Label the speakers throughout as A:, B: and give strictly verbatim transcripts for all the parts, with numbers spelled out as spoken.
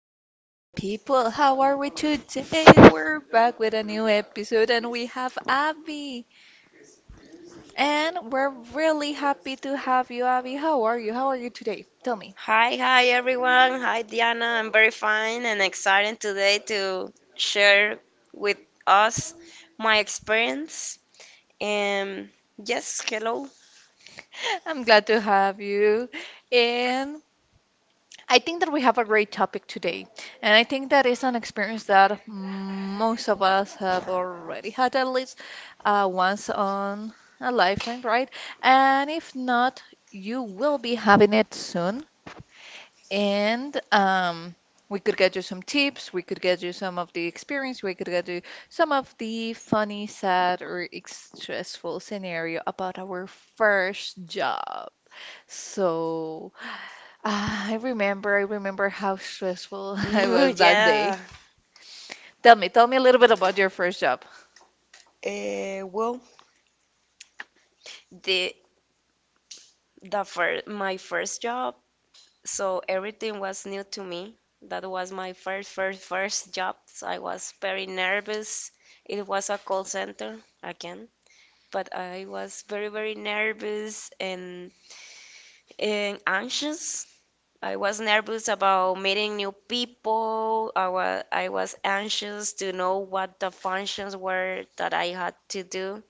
A: hello, my people. How are we today? We're back with a new episode and we have Abby. And we're really happy to have you, Abby. How are you? How are you today? Tell me.
B: Hi, hi everyone. Hi, Diana. I'm very fine and excited today to share with us my experience. Um yes, hello.
A: I'm glad to have you. And I think that we have a great topic today. And I think that is an experience that most of us have already had at least uh, once on a lifetime, right? And if not, you will be having it soon. And um, We could get you some tips. We could get you some of the experience. We could get you some of the funny, sad, or ex- stressful scenario about our first job. So ah, I remember, I remember how stressful I was that
B: yeah.
A: day. Tell me, tell me a little bit about your first job.
B: Uh, well, the the first my first job, so everything was new to me. That was my first first first job. So I was very nervous. It was a call center again, but I was very very nervous and and anxious. I was nervous about meeting new people. I was I was anxious to know what the functions were that I had to do.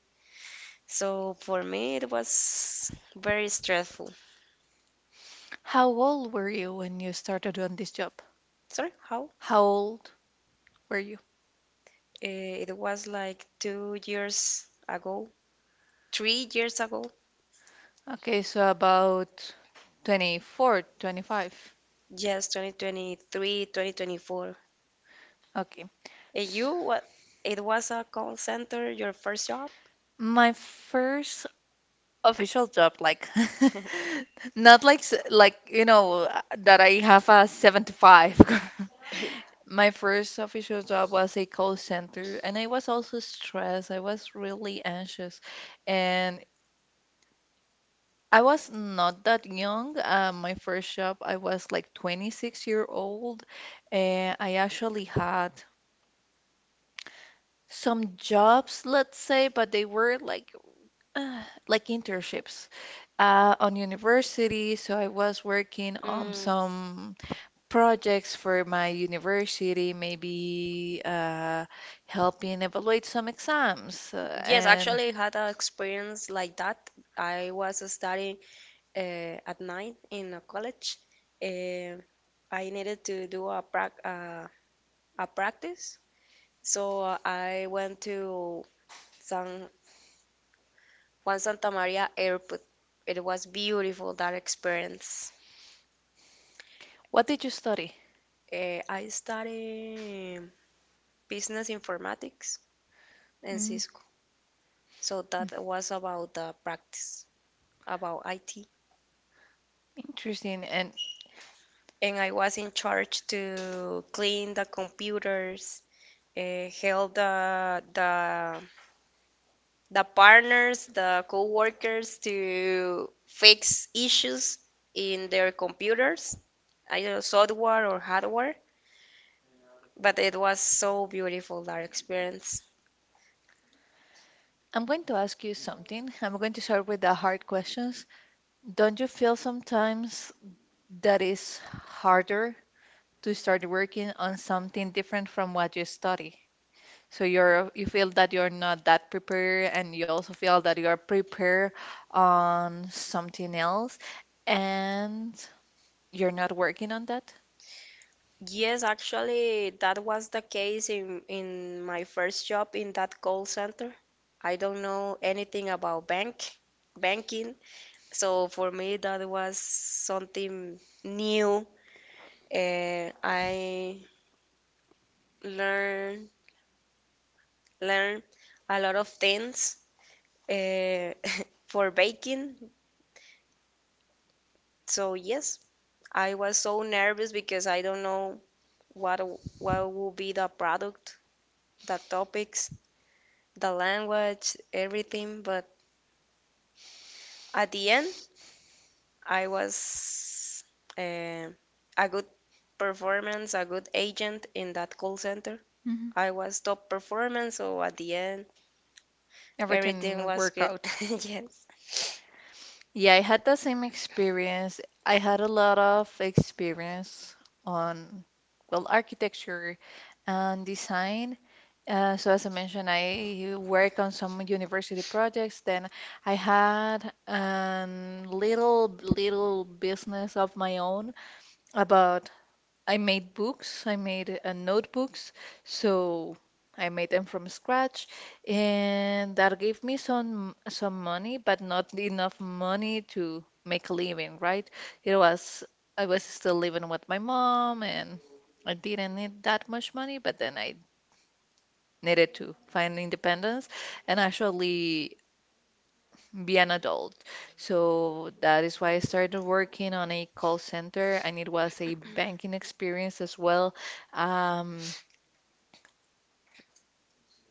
B: So for me, it was very stressful.
A: How old were you when you started on this job?
B: Sorry, how?
A: How old were you?
B: Eh, It was like two years ago, three years ago.
A: Okay, so about twenty-four, twenty-five.
B: Yes, twenty twenty-three, twenty twenty-four.
A: Okay.
B: And you, what? It was a call center, your first job?
A: My first official job, like not like s- like you know uh, that I have a seven to five. My first official job was a call center, and I was also stressed. I was really anxious, and I was not that young. Uh, my first job, I was like twenty-six year old, and I actually had some jobs, let's say, but they were like uh, like internships. Uh, on university, so I was working on
B: Mm.
A: some projects for my university, maybe uh, helping evaluate some exams. uh,
B: Yes,
A: and
B: actually, I had an experience like that. I was studying uh, at night in a college. Uh, I needed to do a prac- uh, a practice, so uh, I went to San Juan Santa Maria Airport. It was beautiful that experience.
A: what did you study?
B: Uh, I studied business informatics in
A: Mm,
B: Cisco, so that was about the practice about I T.
A: interesting. And
B: And I was in charge to clean the computers, uh, help the the the partners, the co-workers to fix issues in their computers, either software or hardware. But it was so beautiful that experience.
A: I'm going to ask you something. I'm going to start with the hard questions. Don't you feel sometimes that it's harder to start working on something different from what you study? So you're you feel that you're not that prepared, and you also feel that you are prepared on something else, and you're not working on that.
B: Yes, actually, that was the case in in my first job in that call center. I don't know anything about bank banking. So for me, that was something new. Uh, I learn learn a lot of things uh, for baking. So yes, I was so nervous because I don't know what what will be the product, the topics, the language, everything. But at the end, I was uh, a good performance, a good agent in that call center.
A: Hmm.
B: I was top performer, so at the end everything
A: Everything
B: was
A: work
B: good.
A: out.
B: Yes.
A: Yeah, I had the same experience. I had a lot of experience on, well, architecture and design. Uh, so as I mentioned, I work on some university projects. Then I had a little little business of my own about I made books, I made uh, notebooks, so I made them from scratch, and that gave me some some money, but not enough money to make a living, right? It was I was still living with my mom, and I didn't need that much money, but then I needed to find independence, and actually be an adult. So that is why I started working on a call center, and it was a banking experience as well. Um,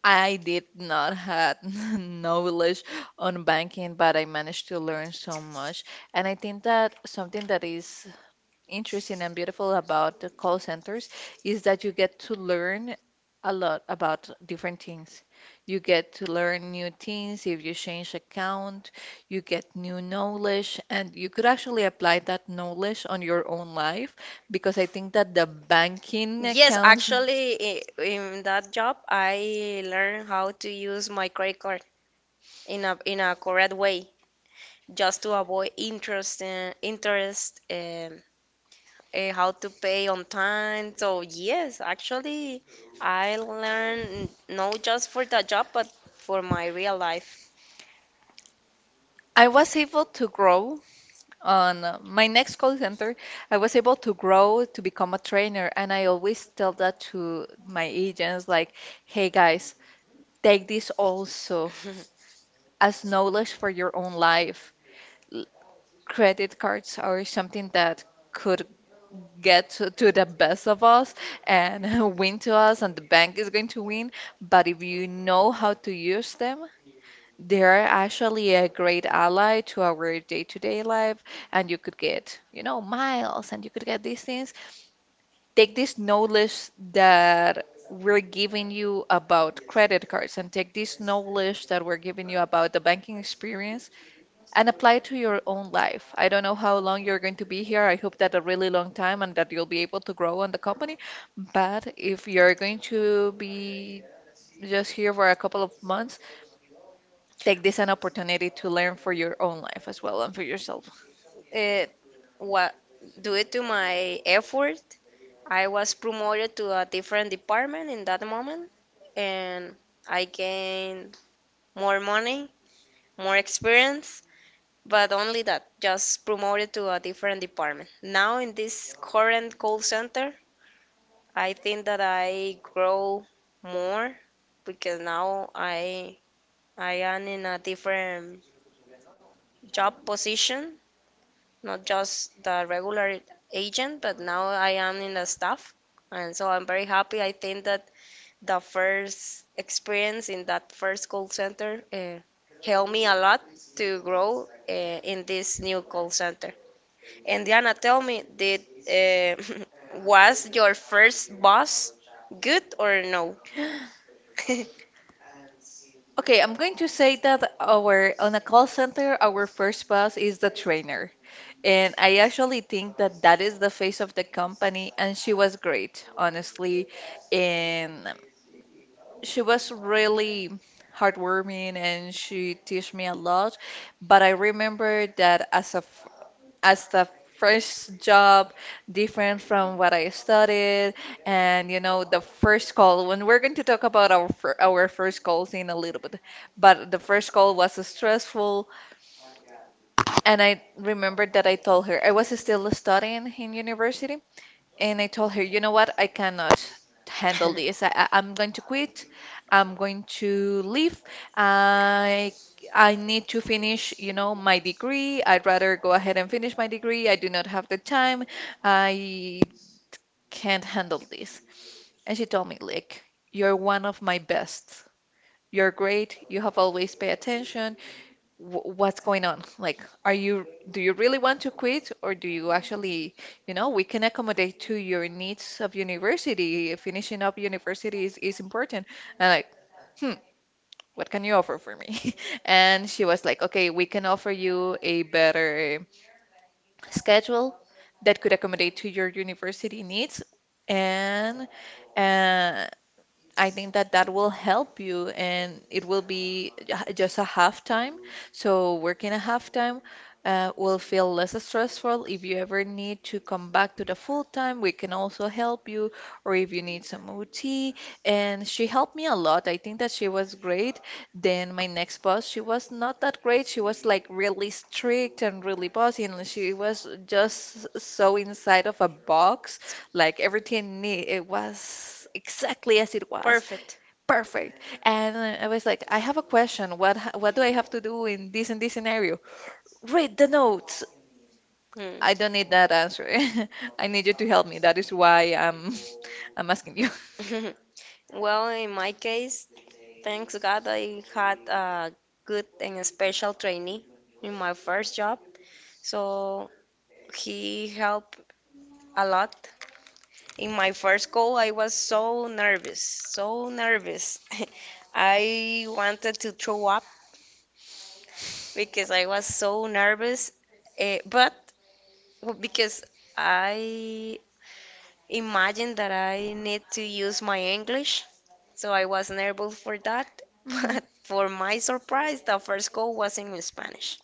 A: I did not had knowledge on banking, but I managed to learn so much. And I think that something that is interesting and beautiful about the call centers is that you get to learn a lot about different things. You get to learn new things if you change account, you get new knowledge, and you could actually apply that knowledge on your own life because I think that the banking
B: Yes,
A: accounts.
B: actually, i- in that job, I learned how to use my credit card in a in a correct way, just to avoid interest uh, interest and uh, how to pay on time. So yes, actually, I learned not just for that job, but for my real life.
A: I was able to grow on uh, my next call center. I was able to grow to become a trainer, and I always tell that to my agents, like, "Hey guys, take this also as knowledge for your own life. L- Credit cards are something that could get to, to the best of us and win to us, and the bank is going to win. But if you know how to use them, they are actually a great ally to our day-to-day life, and you could get, you know, miles, and you could get these things take this knowledge that we're giving you about credit cards and take this knowledge that we're giving you about the banking experience and apply it to your own life. I don't know how long you're going to be here. I hope that a really long time and that you'll be able to grow on the company. But if you're going to be just here for a couple of months, take this an opportunity to learn for your own life as well and for yourself.
B: uh, what do it to my effort, I was promoted to a different department in that moment, and I gained more money, more experience, but only that, just promoted to a different department. Now, in this current call center, I think that I grow more because now I I am in a different job position, not just the regular agent, but now I am in the staff. And so I'm very happy. I think that the first experience in that first call center uh, helped me a lot to grow uh, in this new call center. And Diana, tell me, did uh, was your first boss good or no?
A: Okay, I'm going to say that our on a call center, our first boss is the trainer. And I actually think that that is the face of the company, and she was great, honestly. And she was really heartwarming, and she teach me a lot. But I remember that as a f- as the first job, different from what I studied, and you know the first call. When we're going to talk about our fir- our first calls in a little bit, but the first call was stressful and I remembered that I told her I was still studying in university, and I told her, you know what, I cannot handle this. I, I- I'm going to quit. I'm going to leave. I I need to finish, you know, my degree. I'd rather go ahead and finish my degree. I do not have the time. I can't handle this. And she told me, like, you're one of my best. You're great. You have always paid attention wh- what's going on? Like, are you, do you really want to quit or do you actually, you know, we can accommodate to your needs of university. Finishing up university is, is important. And like, hmm, what can you offer for me? And she was like, okay, we can offer you a better schedule that could accommodate to your university needs. And uh, I think that that will help you, and it will be j- just a half time. So working a half time uh, will feel less stressful. If you ever need to come back to the full time, we can also help you, or if you need some O T. And she helped me a lot. I think that she was great. Then my next boss, she was not that great. She was like really strict and really bossy, and she was just so inside of a box like everything ne it was exactly as it was,
B: Perfect.
A: perfect. And uh, I was like, I have a question. What ha- what do I have to do in this and this scenario? Read the notes.
B: Hmm.
A: I don't need that answer. I need you to help me. That is why I'm I'm asking you.
B: Well, in my case, thanks God I had a good and special trainee in my first job. So he helped a lot. In my first call, I was so nervous, so nervous. I wanted to throw up because I was so nervous, eh, but w- because I imagined that I need to use my English so I wasn't able for that.
A: Mhm.
B: But for my surprise, the first call was in Spanish.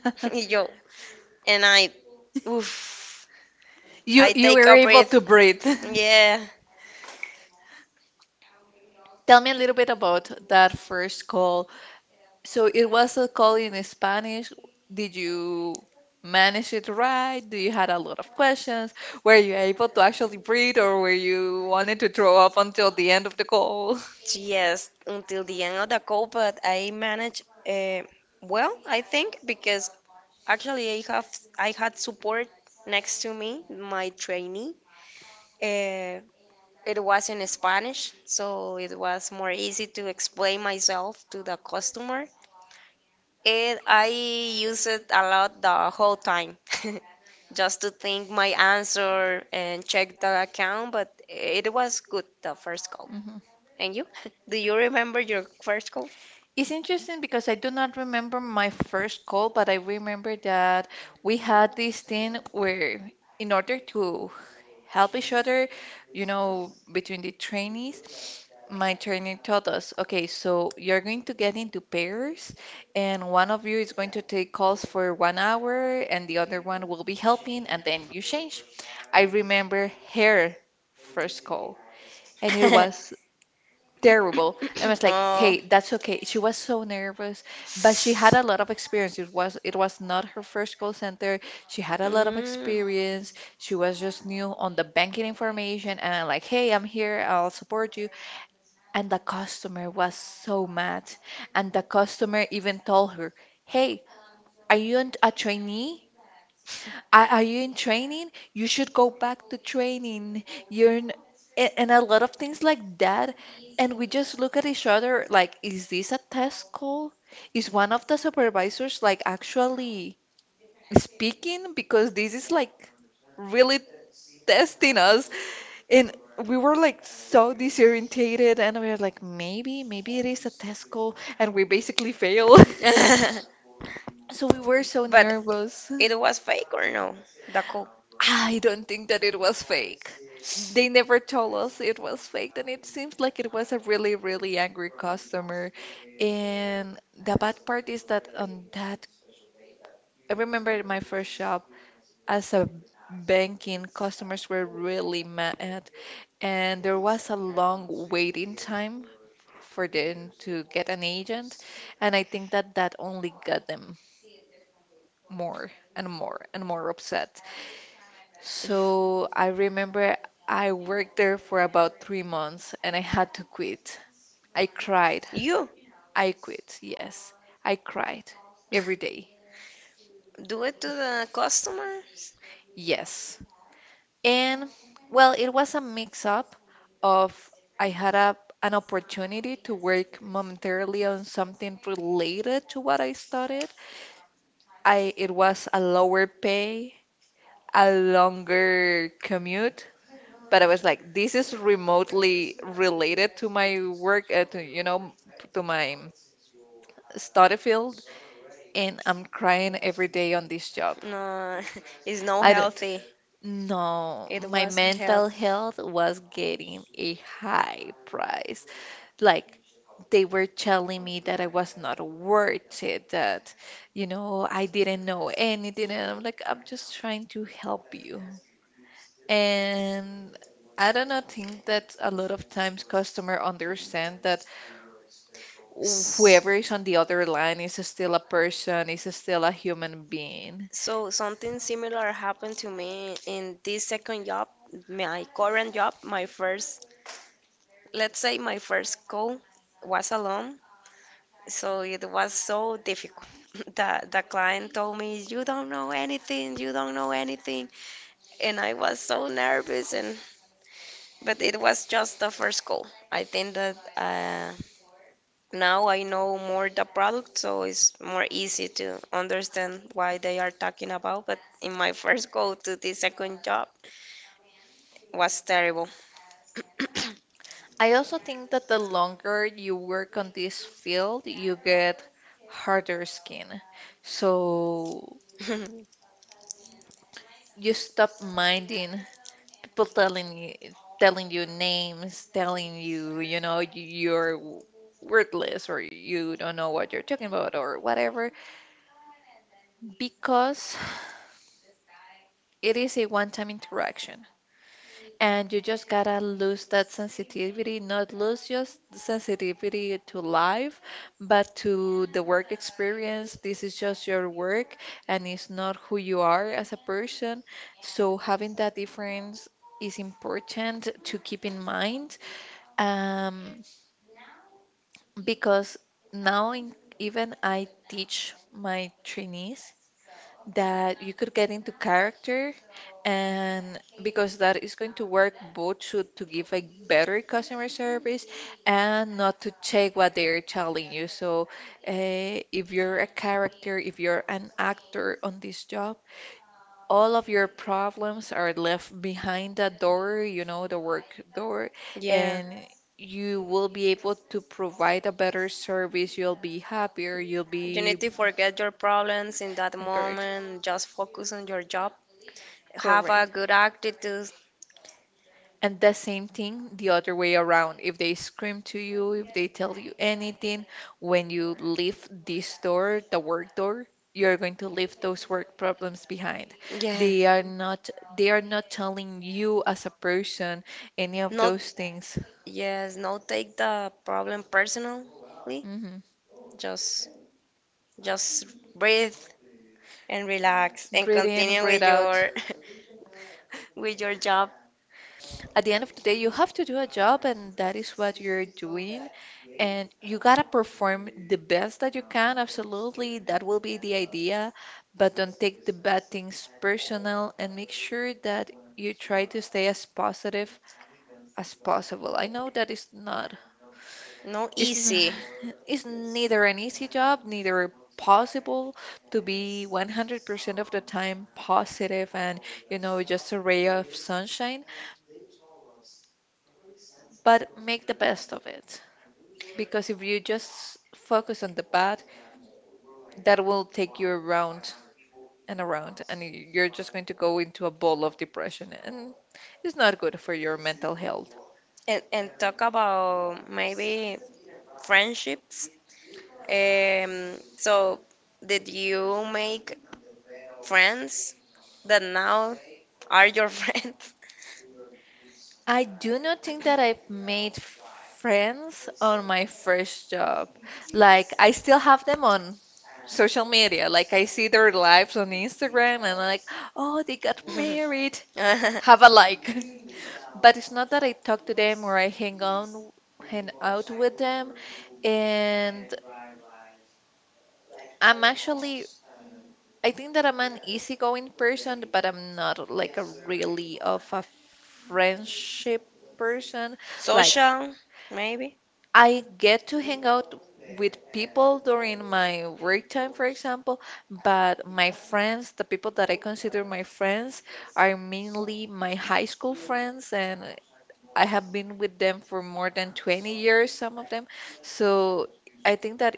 B: Yo, and I, oof,
A: You
B: I
A: you
B: take
A: were
B: a
A: able
B: breath.
A: to breathe.
B: Yeah,
A: Tell me a little bit about that first call. So it was a call in Spanish. Did you manage it right? Do you had a lot of questions? Were you able to actually breathe, or were you wanted to throw up until the end of the call?
B: yes, until the end of the call, but I managed uh, well, I think, because actually I have I had support next to me, my trainee. Uh, it was in Spanish, so it was more easy to explain myself to the customer. It, I use it a lot the whole time, just to think my answer and check the account. But it was good the first call.
A: Mhm.
B: And you? Do you remember your first call?
A: It's interesting because I do not remember my first call, but I remember that we had this thing where, in order to help each other, you know, between the trainees. My trainer told us, okay, so you're going to get into pairs, and one of you is going to take calls for one hour, and the other one will be helping, and then you change. I remember her first call, and it was terrible. I was like,
B: Oh.
A: hey, that's okay. She was so nervous, but she had a lot of experience. It was it was not her first call center. She had a lot of
B: Mm.
A: experience. She was just new on the banking information. And I'm like, hey, I'm here. I'll support you. And the customer was so mad. And the customer even told her, hey, are you an- a trainee? Are, are you in training? You should go back to training. You're in, a- and a lot of things like that. And we just look at each other like, is this a test call? Is one of the supervisors like actually speaking? Because this is like really testing us. And we were like so disorientated and we were like, maybe, maybe it is a test call. And we basically failed. So we were so
B: But
A: nervous.
B: it was fake or no? The call.
A: I don't think that it was fake. They never told us it was fake, and it seems like it was a really, really angry customer. And the bad part is that on that, I remember in my first job as a banking, customers were really mad, and there was a long waiting time for them to get an agent, and I think that that only got them more and more and more upset. So I remember I worked there for about three months and I had to quit. I cried.
B: You
A: I quit. Yes. I cried every day.
B: do it to the customers?
A: Yes. And well, it was a mix up of I had a, an opportunity to work momentarily on something related to what I studied. I it was a lower pay, a longer commute, but I was like, this is remotely related to my work, uh, to you know, to my study field, and I'm crying every day on this job.
B: No, it's no
A: I don't.
B: healthy.
A: No,
B: It
A: my
B: was
A: mental
B: healthy.
A: health was getting a high price. Like, they were telling me that I was not worth it, that you know, I didn't know anything, and I'm like, I'm just trying to help you. And I do not think that a lot of times customer understand that
B: S-
A: whoever is on the other line is still a person, is still a human being.
B: So something similar happened to me in this second job, my current job, my first, let's say my first call was alone. So it was so difficult. The the client told me, "You don't know anything, you don't know anything." And I was so nervous and but it was just the first call. I think that uh, now I know more the product, so it's more easy to understand why they are talking about. But in my first go to the second job was terrible.
A: I also think that the longer you work on this field, you get harder skin. So you stop minding people telling you telling you names, telling you, you know, you- you're wordless or you don't know what you're talking about or whatever because it is a one-time interaction, and you just gotta lose that sensitivity, not lose just the sensitivity to life, but to the work experience. This is just your work, and it's not who you are as a person. So having that difference is important to keep in mind, um, because now in, even I teach my trainees that you could get into character and because that is going to work both to, to give a better customer service and not to check what they're telling you. So, uh, if you're a character, if you're an actor on this job, all of your problems are left behind that door, you know, the work door,
B: yeah,
A: and you will be able to provide a better service. You'll be happier, you'll
B: you
A: be
B: need to forget your problems in that
A: correct,
B: moment. Just focus on your job. Have a
A: correct.
B: good attitude.
A: And the same thing the other way around. If they scream to you, if they tell you anything, when you leave this door, the work door, you're going to leave those work problems behind. They
B: Yes,
A: are not they are not telling you as a person any of
B: not
A: those things.
B: yes, not take the problem personally.
A: Hmm.
B: Just just breathe and relax and
A: Breathe in,
B: continue
A: breathe
B: with
A: out.
B: your with your job.
A: At the end of the day, you have to do a job, and that is what you're doing. And you gotta perform the best that you can, absolutely. That will be the idea. But don't take the bad things personal and make sure that you try to stay as positive as possible. I know that is not,
B: No
A: it's not,
B: easy.
A: it's neither an easy job, neither possible to be one hundred percent of the time positive and, you know, just a ray of sunshine, but make the best of it. Because if you just focus on the bad, that will take you around and around, and y- you're just going to go into a ball of depression, and it's not good for your mental health.
B: and, and talk about maybe friendships. Um, so, did you make friends that now are your friends?
A: I do not think that I've made friends on my first job. Like, I still have them on social media. Like, I see their lives on Instagram, and I'm like, oh, they got married. Have a like. But it's not that I talk to them or I hang on hang out with them. And I'm actually, I think that I'm an easygoing person, but I'm not like a really of a friendship person. Like,
B: Social, maybe?
A: I get to hang out with people during my work time, for example, but my friends, the people that I consider my friends, are mainly my high school friends, and I have been with them for more than twenty years, some of them. So I think that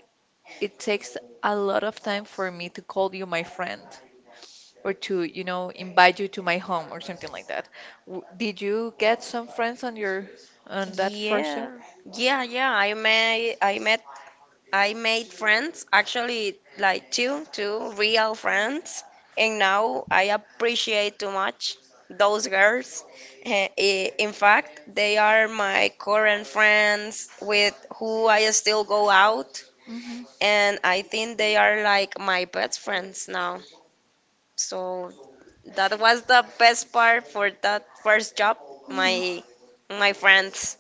A: it takes a lot of time for me to call you my friend or to, you know, invite you to my home or something like that. W- Did you get some friends on your on that first job?
B: Yeah, yeah, yeah. I met I met I made friends, actually, like two, two real friends, and now I appreciate too much those girls. Eh, eh, In fact, they are my current friends with who I still go out,
A: Hmm.
B: and I think they are like my best friends now. So that was the best part for that first job,
A: Hmm.
B: my my friends.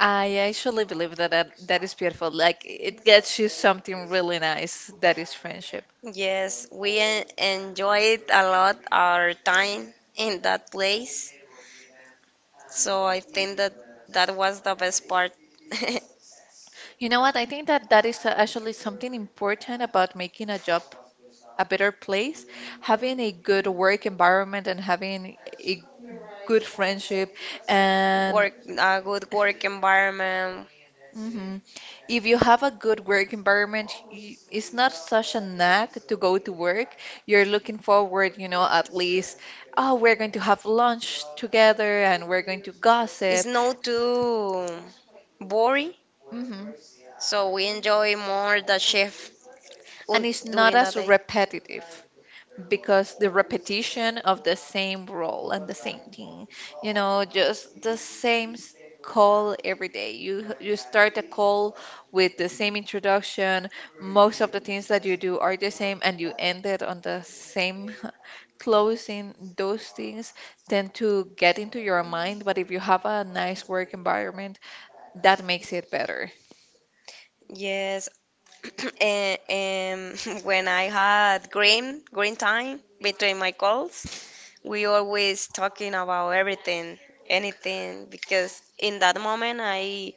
A: I actually believe that, that that is beautiful. Like, it gets you something really nice, that is friendship.
B: Yes, we en- enjoyed a lot our time in that place. So I think that that was the best part.
A: You know what? I think that that is actually something important about making a job a better place, having a good work environment and having a good friendship and
B: Work, a good work environment.
A: hmm if you have a good work environment, you, it's not such a knack to go to work. You're looking forward, you know, at least, oh, we're going to have lunch together and we're going to
B: It's
A: gossip.
B: not too boring,
A: Hmm.
B: so we enjoy more the shift
A: And
B: un-
A: it's not
B: during the
A: as
B: day.
A: repetitive, because the repetition of the same role and the same thing, you know, just the same s- call every day. You you start a call with the same introduction. Most of the things that you do are the same, and you end it on the same closing. Those things tend to get into your mind, but if you have a nice work environment, that makes it better.
B: Yes, and, um, when I had green green time between my calls, we always talking about everything anything because in that moment i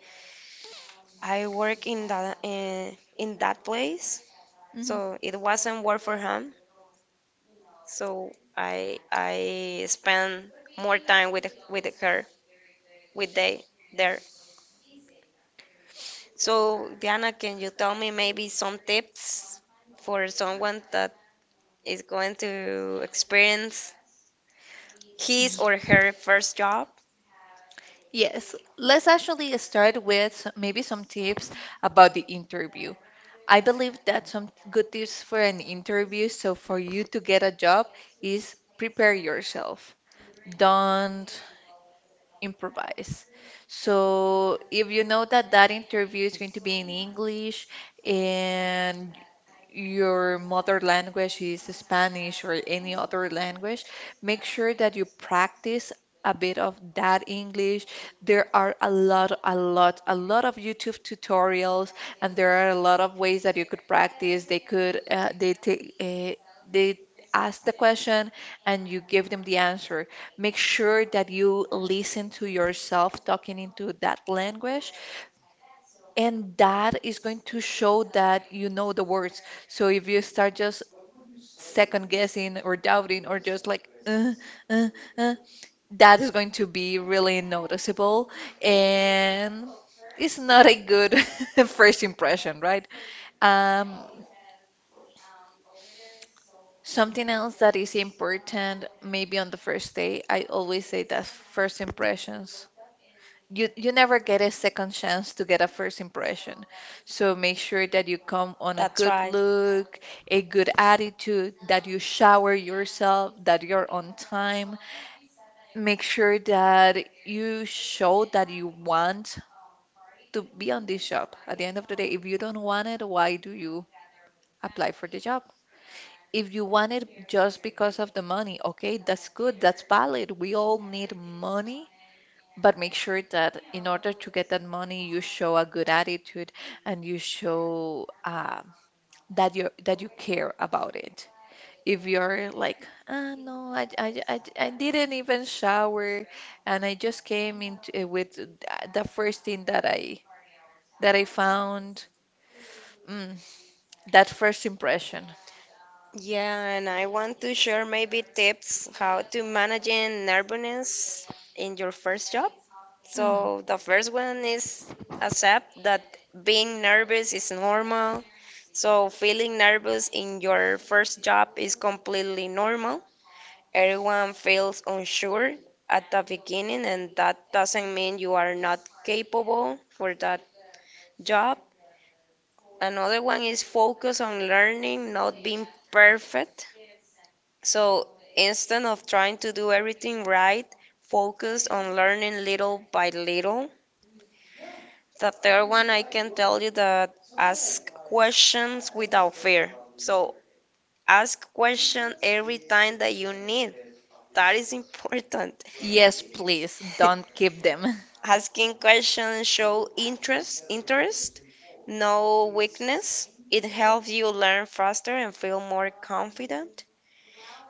B: i work in that in, in that place,
A: Mhm.
B: so it wasn't work for him, so i i spend more time with with her with they there. So Diana, can you tell me maybe some tips for someone that is going to experience his or her first job?
A: Yes, let's actually start with s- maybe some tips about the interview. I believe that some good tips for an interview, so for you to get a job, is prepare yourself. Don't improvise. So if you know that that interview is going to be in English and your mother language is Spanish or any other language, make sure that you practice a bit of that English. There are a lot, a lot, a lot of YouTube tutorials, and there are a lot of ways that you could practice. They could, uh, they take, uh, they ask the question, and you give them the answer. Make sure that you listen to yourself talking into that language, and that is going to show that you know the words. So if you start just second guessing or doubting or just like, uh, uh, uh, that is going to be really noticeable, and it's not a good first impression, right? Um, Something else that is important, maybe on the first day, I always say that first impressions, you you never get a second chance to get a first impression. So make sure that you come on a
B: That's
A: good
B: right.
A: look, a good attitude, that you shower yourself, that you're on time. Make sure that you show that you want to be on this job. At the end of the day, if you don't want it, why do you apply for the job? If you want it just because of the money, okay, that's good, that's valid. We all need money. But make sure that in order to get that money, you show a good attitude and you show uh, that you that you care about it. If you're like, ah, no, I, I, I, I didn't even shower, and I just came into with th- the first thing that I that I found, mm, that first impression.
B: Yeah, and I want to share maybe tips how to managing nervousness in your first job.
A: Mhm.
B: So the first one is accept that being nervous is normal. So feeling nervous in your first job is completely normal. Everyone feels unsure at the beginning, and that doesn't mean you are not capable for that job. Another one is focus on learning, not being perfect. So instead of trying to do everything right, focus on learning little by little. The third one, I can tell you that ask questions without fear. So ask question every time that you need. That is important.
A: Yes, please don't keep them.
B: Asking questions show interest, interest, no weakness. It helps you learn faster and feel more confident.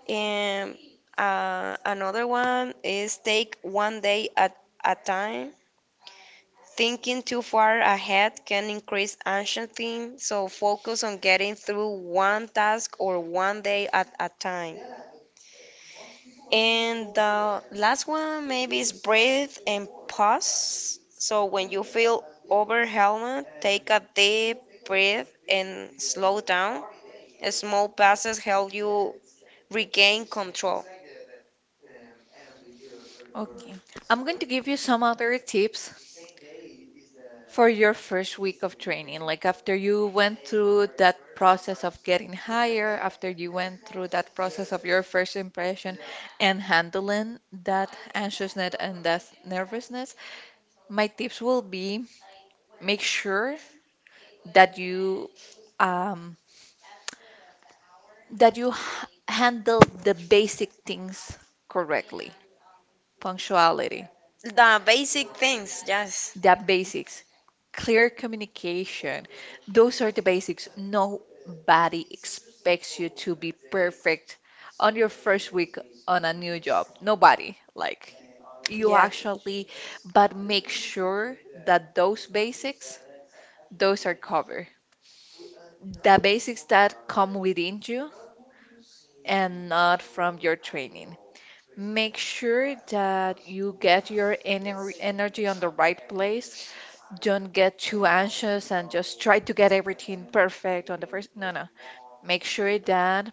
B: And uh, another one is take one day at a time. Thinking too far ahead can increase anxiety, so focus on getting through one task or one day at a time. And the last one maybe is breathe and pause. So when you feel overwhelmed, take a deep breath and slow down. Small pauses help you regain control.
A: Okay, I'm going to give you some other tips for your first week of training. Like, after you went through that process of getting higher, after you went through that process of your first impression and handling that anxiousness and that nervousness, my tips will be make sure that you um, that you h- handle the basic things correctly. Punctuality,
B: The basic things, yes.
A: the basics, clear communication. Those are the basics. Nobody expects you to be perfect on your first week on a new job. Nobody. Like, you
B: Yeah.
A: actually, but make sure that those basics, those are covered. The basics that come within you and not from your training. Make sure that you get your ener energy on the right place. Don't get too anxious and just try to get everything perfect on the first. No, no. Make sure that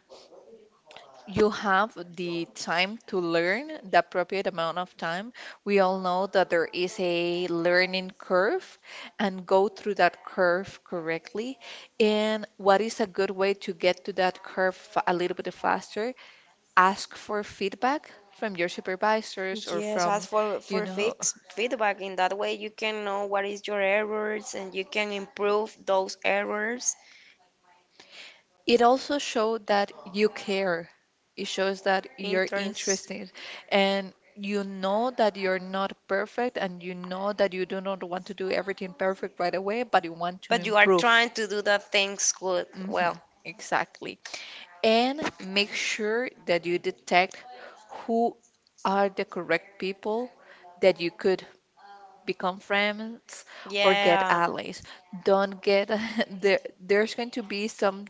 A: you have the time to learn, the appropriate amount of time. We all know that there is a learning curve, and go through that curve correctly. And what is a good way to get to that curve fa- a little bit faster? Ask for feedback from your supervisors or
B: Yes, ask
A: from,
B: for
A: you
B: for
A: know,
B: fix feedback. In that way, you can know what is your errors and you can improve those errors.
A: it also showed that you care. It shows that you're
B: Interest.
A: interested and you know that you're not perfect and you know that you do not want to do everything perfect right away, but you want to
B: But you are
A: improve.
B: trying to do the things good.
A: Hmm.
B: Well,
A: Exactly. And make sure that you detect who are the correct people that you could become friends or get
B: yeah.
A: allies. Don't get there there's going to be some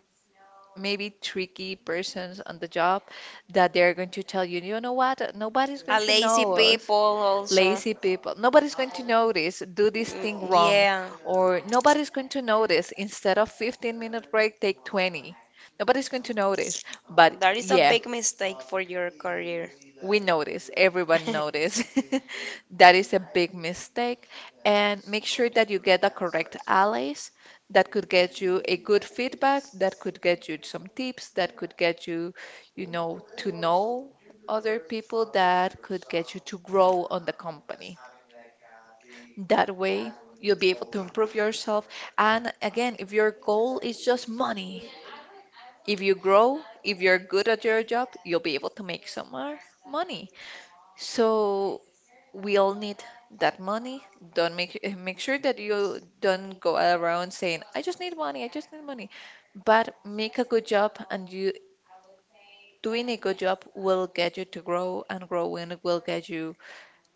A: maybe tricky persons on the job that they're going to tell you, you know what? Nobody's
B: A
A: going to
B: lazy
A: know us.
B: people also.
A: Lazy people. Nobody's going to notice. Do this
B: Mm,
A: thing wrong.
B: yeah.
A: Or nobody's going to notice. Instead of fifteen minute break, take twenty. Nobody's going to notice. But
B: That is a
A: yeah,
B: big mistake for your career.
A: we notice, everyone notice. That is a big mistake. And make sure that you get the correct allies that could get you a good feedback, that could get you some tips, that could get you, you know, to know other people, that could get you to grow on the company. That way, you'll be able to improve yourself. And again, if your goal is just money, if you grow, if you're good at your job, you'll be able to make some more money. So we all need that money. Don't make eh, make sure that you don't go around saying, "I just need money, I just need money." But make a good job, and you doing a good job will get you to grow, and growing will get you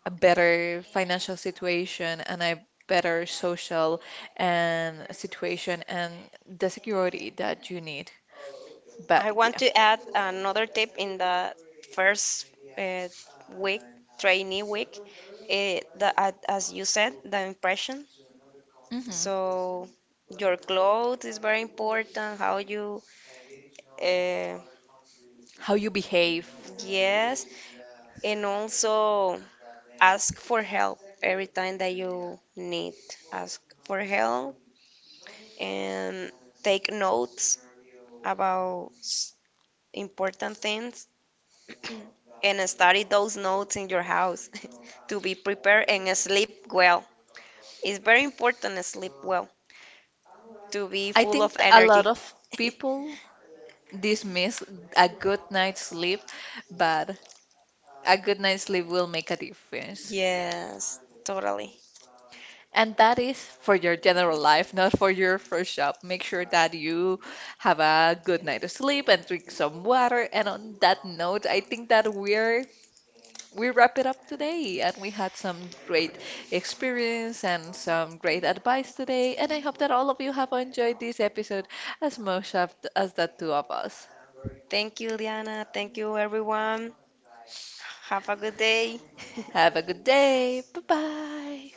A: a better financial situation and a better social and situation and the security that you need. But
B: I want
A: yeah,
B: to add another tip in the first uh, week, trainee week, uh, the, uh, as you said, the impression.
A: hmm,
B: So your clothes is very important, how you, uh,
A: how you behave.
B: yes, and also ask for help every time that you need. Ask for help and take notes about s- important things and study those notes in your house to be prepared and sleep well. It's very important to sleep well, to be
A: I
B: full
A: think
B: of
A: a lot
B: energy.
A: of people dismiss a good night's sleep, but a good night's sleep will make a difference.
B: Yes, totally.
A: And that is for your general life, not for your first job. Make sure that you have a good night of sleep and drink some water. And on that note, I think that we're we wrap it up today. And we had some great experience and some great advice today. And I hope that all of you have enjoyed this episode as much of- as the two of us.
B: Thank you, Diana. Thank you, everyone. Have a good day.
A: Have a good day. Bye bye.